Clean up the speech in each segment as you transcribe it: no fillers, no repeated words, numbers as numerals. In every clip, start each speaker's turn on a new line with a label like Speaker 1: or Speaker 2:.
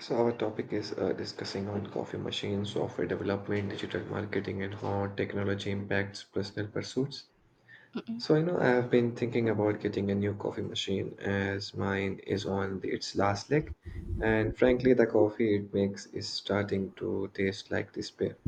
Speaker 1: So our topic is discussing on coffee machines, software development, digital marketing, and how technology impacts personal pursuits. So I know I have been thinking about getting a new coffee machine as mine is on its last leg, and frankly, the coffee it makes is starting to taste like despair.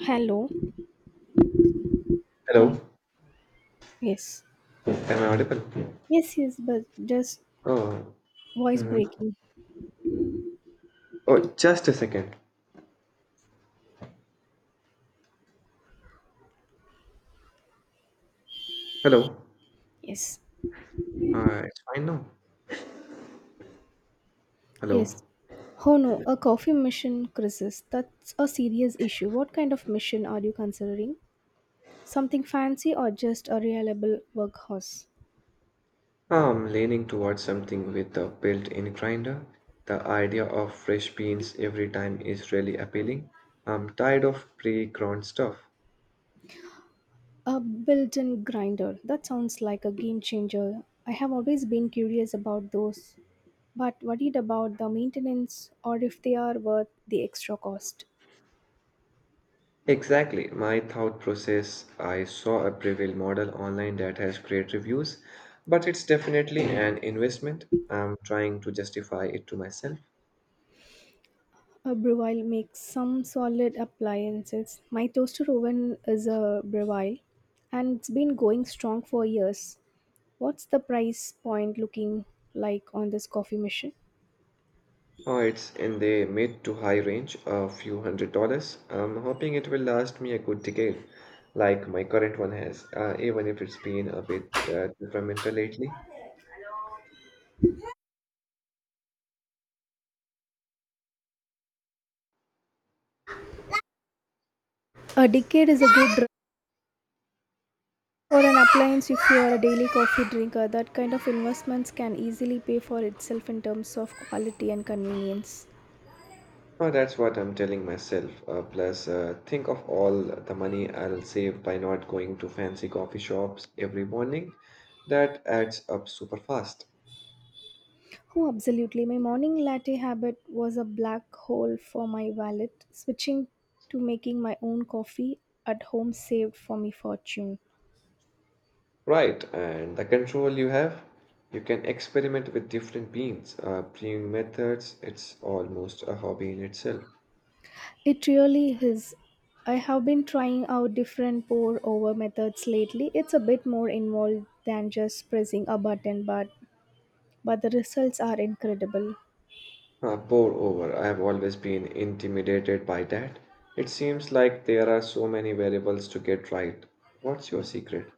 Speaker 2: Hello. Hello.
Speaker 1: Hello,
Speaker 2: Yes.
Speaker 1: am I audible?
Speaker 2: Yes, yes, but just
Speaker 1: Oh,
Speaker 2: voice
Speaker 1: mhm.
Speaker 2: breaking.
Speaker 1: Oh, just a second. Hello,
Speaker 2: Yes.
Speaker 1: it's fine now. Hello.
Speaker 2: Yes. Oh no, a coffee mission crisis. That's a serious issue. What kind of mission are you considering? Something fancy or just a reliable workhorse?
Speaker 1: I'm leaning towards something with a built-in grinder. The idea of fresh beans every time is really appealing. I'm tired of pre-ground stuff.
Speaker 2: A built in grinder. That sounds like a game changer. I have always been curious about those, but worried about the maintenance or if they are worth the extra cost.
Speaker 1: Exactly, my thought process. I saw a Prevail model online that has great reviews, but it's definitely an investment. I'm trying to justify it to myself.
Speaker 2: A Breville makes some solid appliances. My toaster oven is a Breville and it's been going strong for years. What's the price point looking like on this coffee machine?
Speaker 1: Oh, it's in the mid to high range, a few $100s. I'm hoping it will last me a good decade, like my current one has, even if it's been a bit temperamental lately.
Speaker 2: A decade is a good for an appliance if you are a daily coffee drinker. That kind of investments can easily pay for itself in terms of quality and convenience.
Speaker 1: Oh, that's what I'm telling myself. Plus, think of all the money I'll save by not going to fancy coffee shops every morning. That adds up super fast.
Speaker 2: Oh, absolutely. My morning latte habit was a black hole for my wallet. Switching to making my own coffee at home saved for me fortune.
Speaker 1: Right, and the control you have, you can experiment with different beans, brewing methods. It's almost a hobby in itself.
Speaker 2: It really is. I have been trying out different pour over methods lately. It's a bit more involved than just pressing a button, but the results are incredible.
Speaker 1: Ah, pour over. I have always been intimidated by that. It seems like there are so many variables to get right. What's your secret?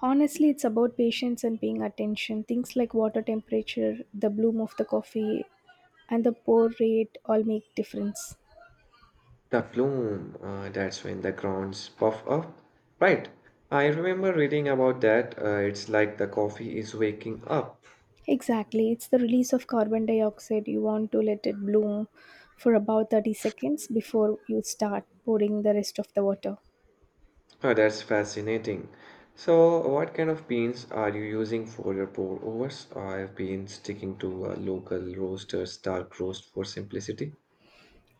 Speaker 2: Honestly, it's about patience and paying attention. Things like water temperature, the bloom of the coffee, and the pour rate all make difference.
Speaker 1: The plume. That's when the grounds puff up. Right. I remember reading about that. It's like the coffee is waking up.
Speaker 2: Exactly, it's the release of carbon dioxide. You want to let it bloom for about 30 seconds before you start pouring the rest of the water.
Speaker 1: Oh, that's fascinating. So, what kind of beans are you using for your pour overs? I've been sticking to a local roaster's dark roast for simplicity.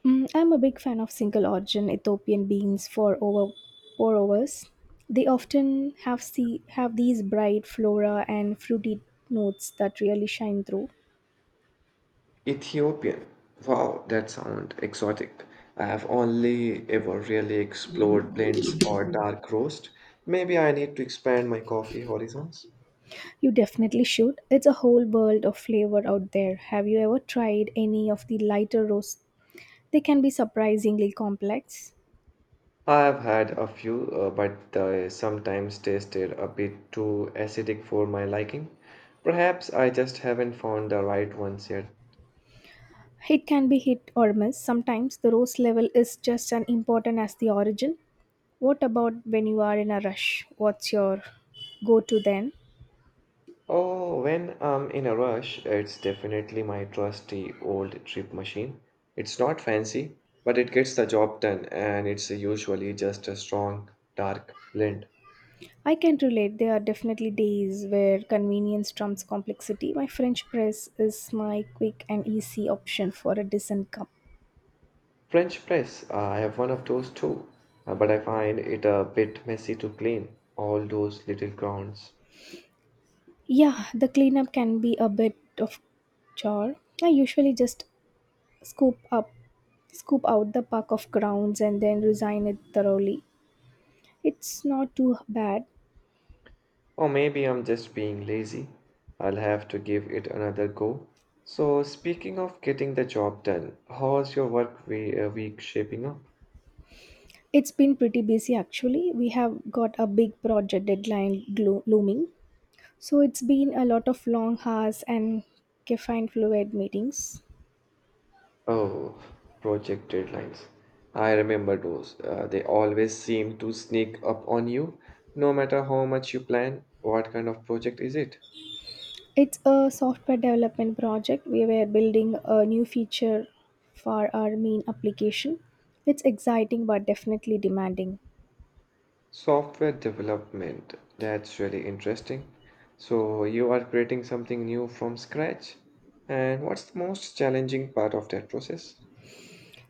Speaker 2: I'm a big fan of single origin Ethiopian beans for over pour overs. They often have these bright flora and fruity notes that really shine through.
Speaker 1: Ethiopian. Wow, that sounds exotic. I have only ever really explored blends or dark roast. Maybe I need to expand my coffee horizons.
Speaker 2: You definitely should. It's a whole world of flavor out there. Have you ever tried any of the lighter roasts? They can be surprisingly complex.
Speaker 1: I have had a few, but they sometimes tasted a bit too acidic for my liking. Perhaps I just haven't found the right ones yet.
Speaker 2: It can be hit or miss. Sometimes the rose level is just as important as the origin. What about when you are in a rush? What's your go to then?
Speaker 1: Oh, when I'm in a rush, it's definitely my trusty old trip machine. It's not fancy, but it gets the job done, and it's usually just a strong, dark blend.
Speaker 2: I can relate. There are definitely days where convenience trumps complexity. My French press is my quick and easy option for a decent cup.
Speaker 1: French press, I have one of those too, but I find it a bit messy to clean, all those little grounds.
Speaker 2: Yeah, the cleanup can be a bit of chore. I usually just scoop up scoop out the puck of grounds and then resign it thoroughly. It's not too bad.
Speaker 1: Or maybe I'm just being lazy. I'll have to give it another go. So, speaking of getting the job done, how's your week shaping up?
Speaker 2: It's been pretty busy actually. We have got a big project deadline looming. So it's been a lot of long hours and caffeine fluid meetings.
Speaker 1: Oh, project deadlines. I remember those. They always seem to sneak up on you, no matter how much you plan. What kind of project is it?
Speaker 2: It's a software development project. We were building a new feature for our main application. It's exciting but definitely demanding.
Speaker 1: Software development. That's really interesting. So, you are creating something new from scratch. And what's the most challenging part of that process?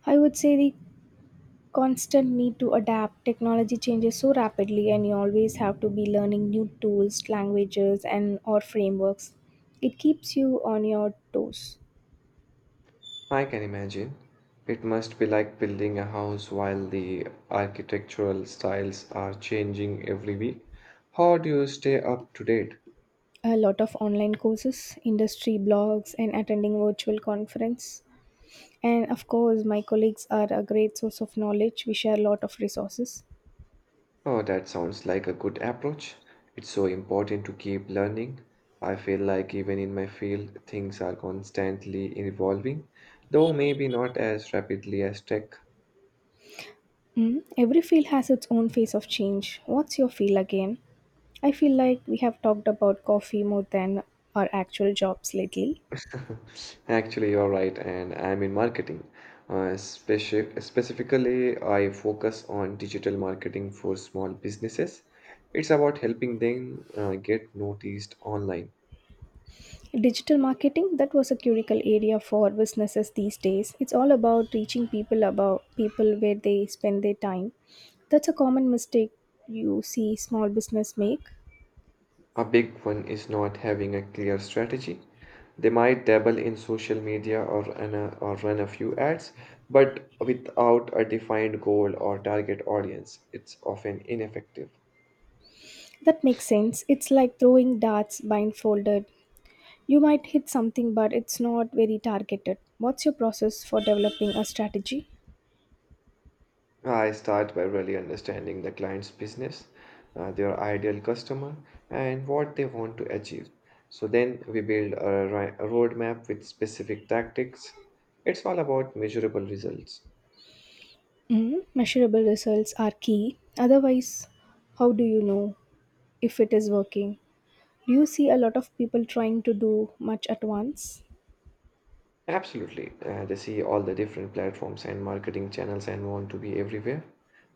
Speaker 2: I would say the constant need to adapt. Technology changes so rapidly and you always have to be learning new tools, languages and or frameworks. It keeps you on your toes.
Speaker 1: I can imagine. It must be like building a house while the architectural styles are changing every week. How do you stay up to date?
Speaker 2: A lot of online courses, industry blogs and attending virtual conference, and of course my colleagues are a great source of knowledge. We share a lot of resources.
Speaker 1: Oh, that sounds like a good approach. It's so important to keep learning. I feel like even in my field, things are constantly evolving, though maybe not as rapidly as tech.
Speaker 2: Every field has its own phase of change. What's your feel again? I feel like we have talked about coffee more than our actual jobs lately.
Speaker 1: Actually, you're right, and I'm in marketing. Specifically, I focus on digital marketing for small businesses. It's about helping them get noticed online.
Speaker 2: Digital marketing, that was a critical area for businesses these days. It's all about reaching people about people where they spend their time. That's a common mistake you see small business make.
Speaker 1: A big one is not having a clear strategy. They might dabble in social media or run a few ads, but without a defined goal or target audience, it's often ineffective.
Speaker 2: That makes sense. It's like throwing darts blindfolded. You might hit something but it's not very targeted. What's your process for developing a strategy?
Speaker 1: I start by really understanding the client's business, their ideal customer, and what they want to achieve. So then we build a roadmap with specific tactics. It's all about measurable results.
Speaker 2: Measurable results are key. Otherwise, how do you know if it is working? Do you see a lot of people trying to do much at once?
Speaker 1: Absolutely. They see all the different platforms and marketing channels and want to be everywhere.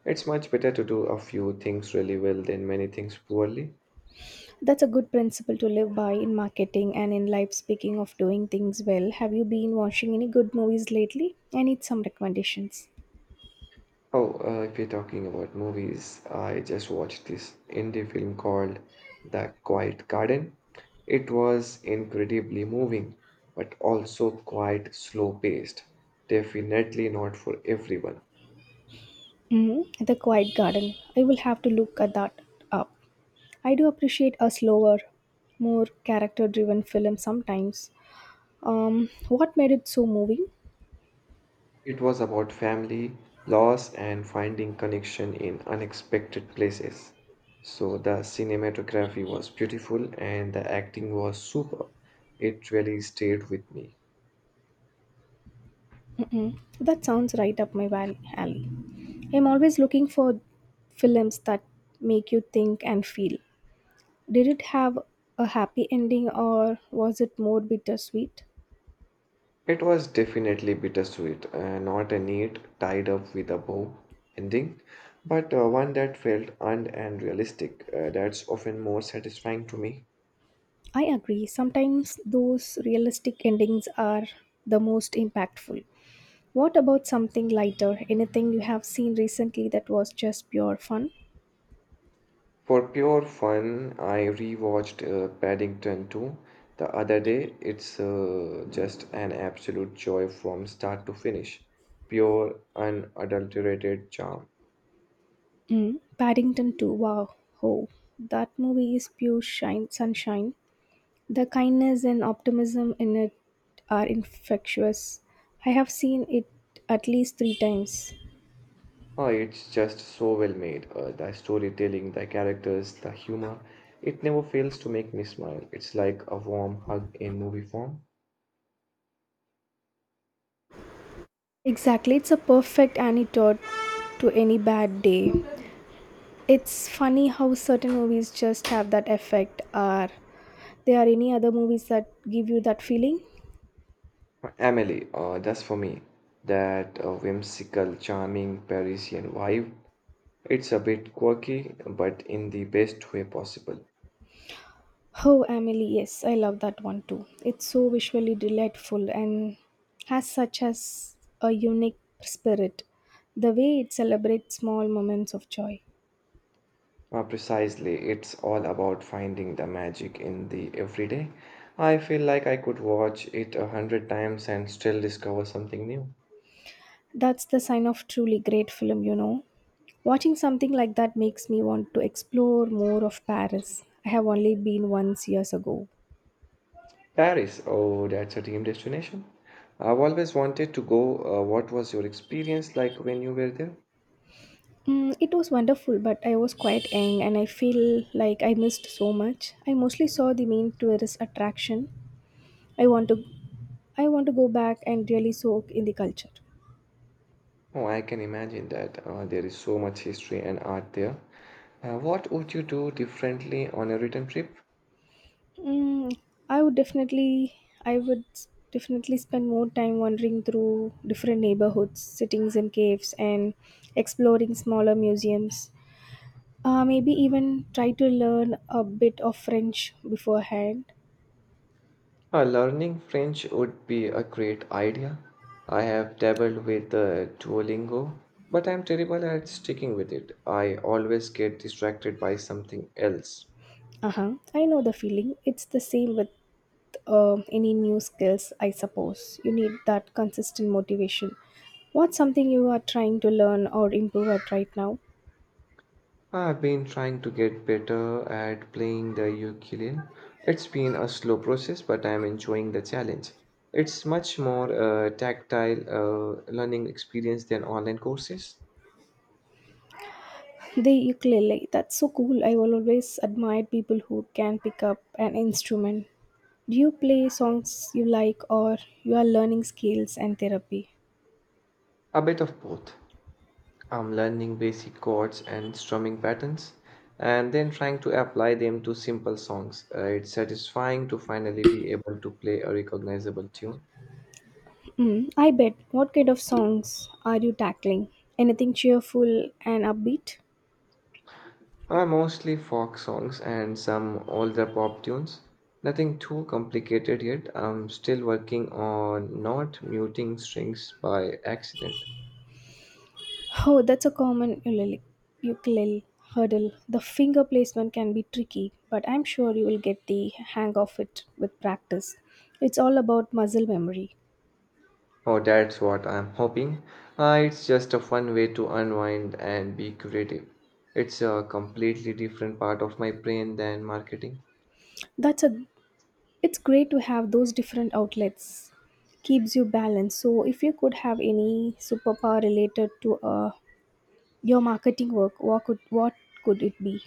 Speaker 1: It's much better to do a few things really well than many things poorly.
Speaker 2: That's a good principle to live by in marketing and in life. Speaking of doing things well, have you been watching any good movies lately? I need some recommendations.
Speaker 1: Oh, if you're talking about movies, I just watched this indie film called The Quiet Garden. It was incredibly moving, but also quite slow paced. Definitely not for everyone.
Speaker 2: The Quiet Garden. I will have to look at that up. I do appreciate a slower, more character driven film sometimes. What made it so moving?
Speaker 1: It was about family, loss, and finding connection in unexpected places. So the cinematography was beautiful and the acting was superb. It really stayed with me.
Speaker 2: Mm-mm. That sounds right up my alley. I'm always looking for films that make you think and feel. Did it have a happy ending or was it more bittersweet?
Speaker 1: It was definitely bittersweet, not a neat, tied up with a bow ending, but one that felt earned and realistic. That's often more satisfying to me.
Speaker 2: I agree. Sometimes those realistic endings are the most impactful. What about something lighter? Anything you have seen recently that was just pure fun?
Speaker 1: For pure fun, I rewatched Paddington 2 the other day. It's just an absolute joy from start to finish. Pure, unadulterated charm.
Speaker 2: Mm. Paddington 2. Wow. Oh, that movie is pure sunshine. The kindness and optimism in it are infectious. I have seen it at least 3 times.
Speaker 1: Oh, it's just so well made. The storytelling, the characters, the humor. It never fails to make me smile. It's like a warm hug in movie form.
Speaker 2: Exactly, it's a perfect antidote to any bad day. It's funny how certain movies just have that effect. Are there any other movies that give you that feeling?
Speaker 1: Emily, that's for me. That whimsical, charming Parisian vibe. It's a bit quirky, but in the best way possible.
Speaker 2: Oh, Emily, yes, I love that one too. It's so visually delightful and has such as a unique spirit. The way it celebrates small moments of joy.
Speaker 1: Precisely, it's all about finding the magic in the everyday. I feel like I could watch it 100 times and still discover something new.
Speaker 2: That's the sign of truly great film, you know. Watching something like that makes me want to explore more of Paris. I have only been once years ago.
Speaker 1: Paris, oh, that's a dream destination. I've always wanted to go. What was your experience like when you were there?
Speaker 2: It was wonderful, but I was quite young and I feel like I missed so much. I mostly saw the main tourist attraction. I want to I want to go back and really soak in the culture.
Speaker 1: Oh, I can imagine that. There is so much history and art there. What would you do differently on a return trip?
Speaker 2: Mm, I would definitely, I would definitely spend more time wandering through different neighborhoods, sittings, in caves, and exploring smaller museums. Maybe even try to learn a bit of French beforehand.
Speaker 1: Learning French would be a great idea. I have dabbled with Duolingo, but I'm terrible at sticking with it. I always get distracted by something else.
Speaker 2: Uh huh. I know the feeling. It's the same with any new skills, I suppose. You need that consistent motivation. What's something you are trying to learn or improve at right now?
Speaker 1: I've been trying to get better at playing the ukulele. It's been a slow process, but I'm enjoying the challenge. It's much more tactile learning experience than online courses.
Speaker 2: The ukulele, that's so cool. I will always admire people who can pick up an instrument. Do you play songs you like or you are learning skills and therapy?
Speaker 1: A bit of both. I'm learning basic chords and strumming patterns and then trying to apply them to simple songs. It's satisfying to finally be able to play a recognizable tune.
Speaker 2: I bet. What kind of songs are you tackling? Anything cheerful and upbeat?
Speaker 1: Mostly folk songs and some older pop tunes. Nothing too complicated yet. I'm still working on not muting strings by accident.
Speaker 2: Oh, that's a common ukulele hurdle. The finger placement can be tricky, but I'm sure you will get the hang of it with practice. It's all about muscle memory.
Speaker 1: Oh, that's what I'm hoping. It's just a fun way to unwind and be creative. It's a completely different part of my brain than marketing.
Speaker 2: That's a It's great to have those different outlets. Keeps you balanced. So if you could have any superpower related to your marketing work, what could it be?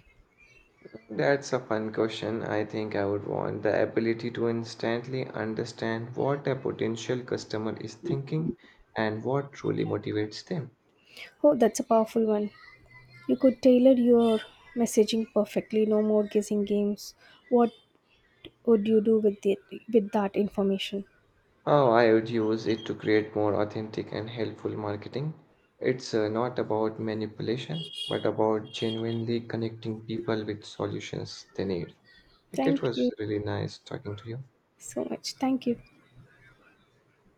Speaker 1: That's a fun question. I think I would want the ability to instantly understand what a potential customer is thinking and what truly motivates them.
Speaker 2: Oh, that's a powerful one. You could tailor your messaging perfectly. No more guessing games. What would you do with it with that information?
Speaker 1: Oh, I would use it to create more authentic and helpful marketing. It's not about manipulation, but about genuinely connecting people with solutions they need. Like, it
Speaker 2: Thank you
Speaker 1: was really nice talking to you.
Speaker 2: so much. Thank you.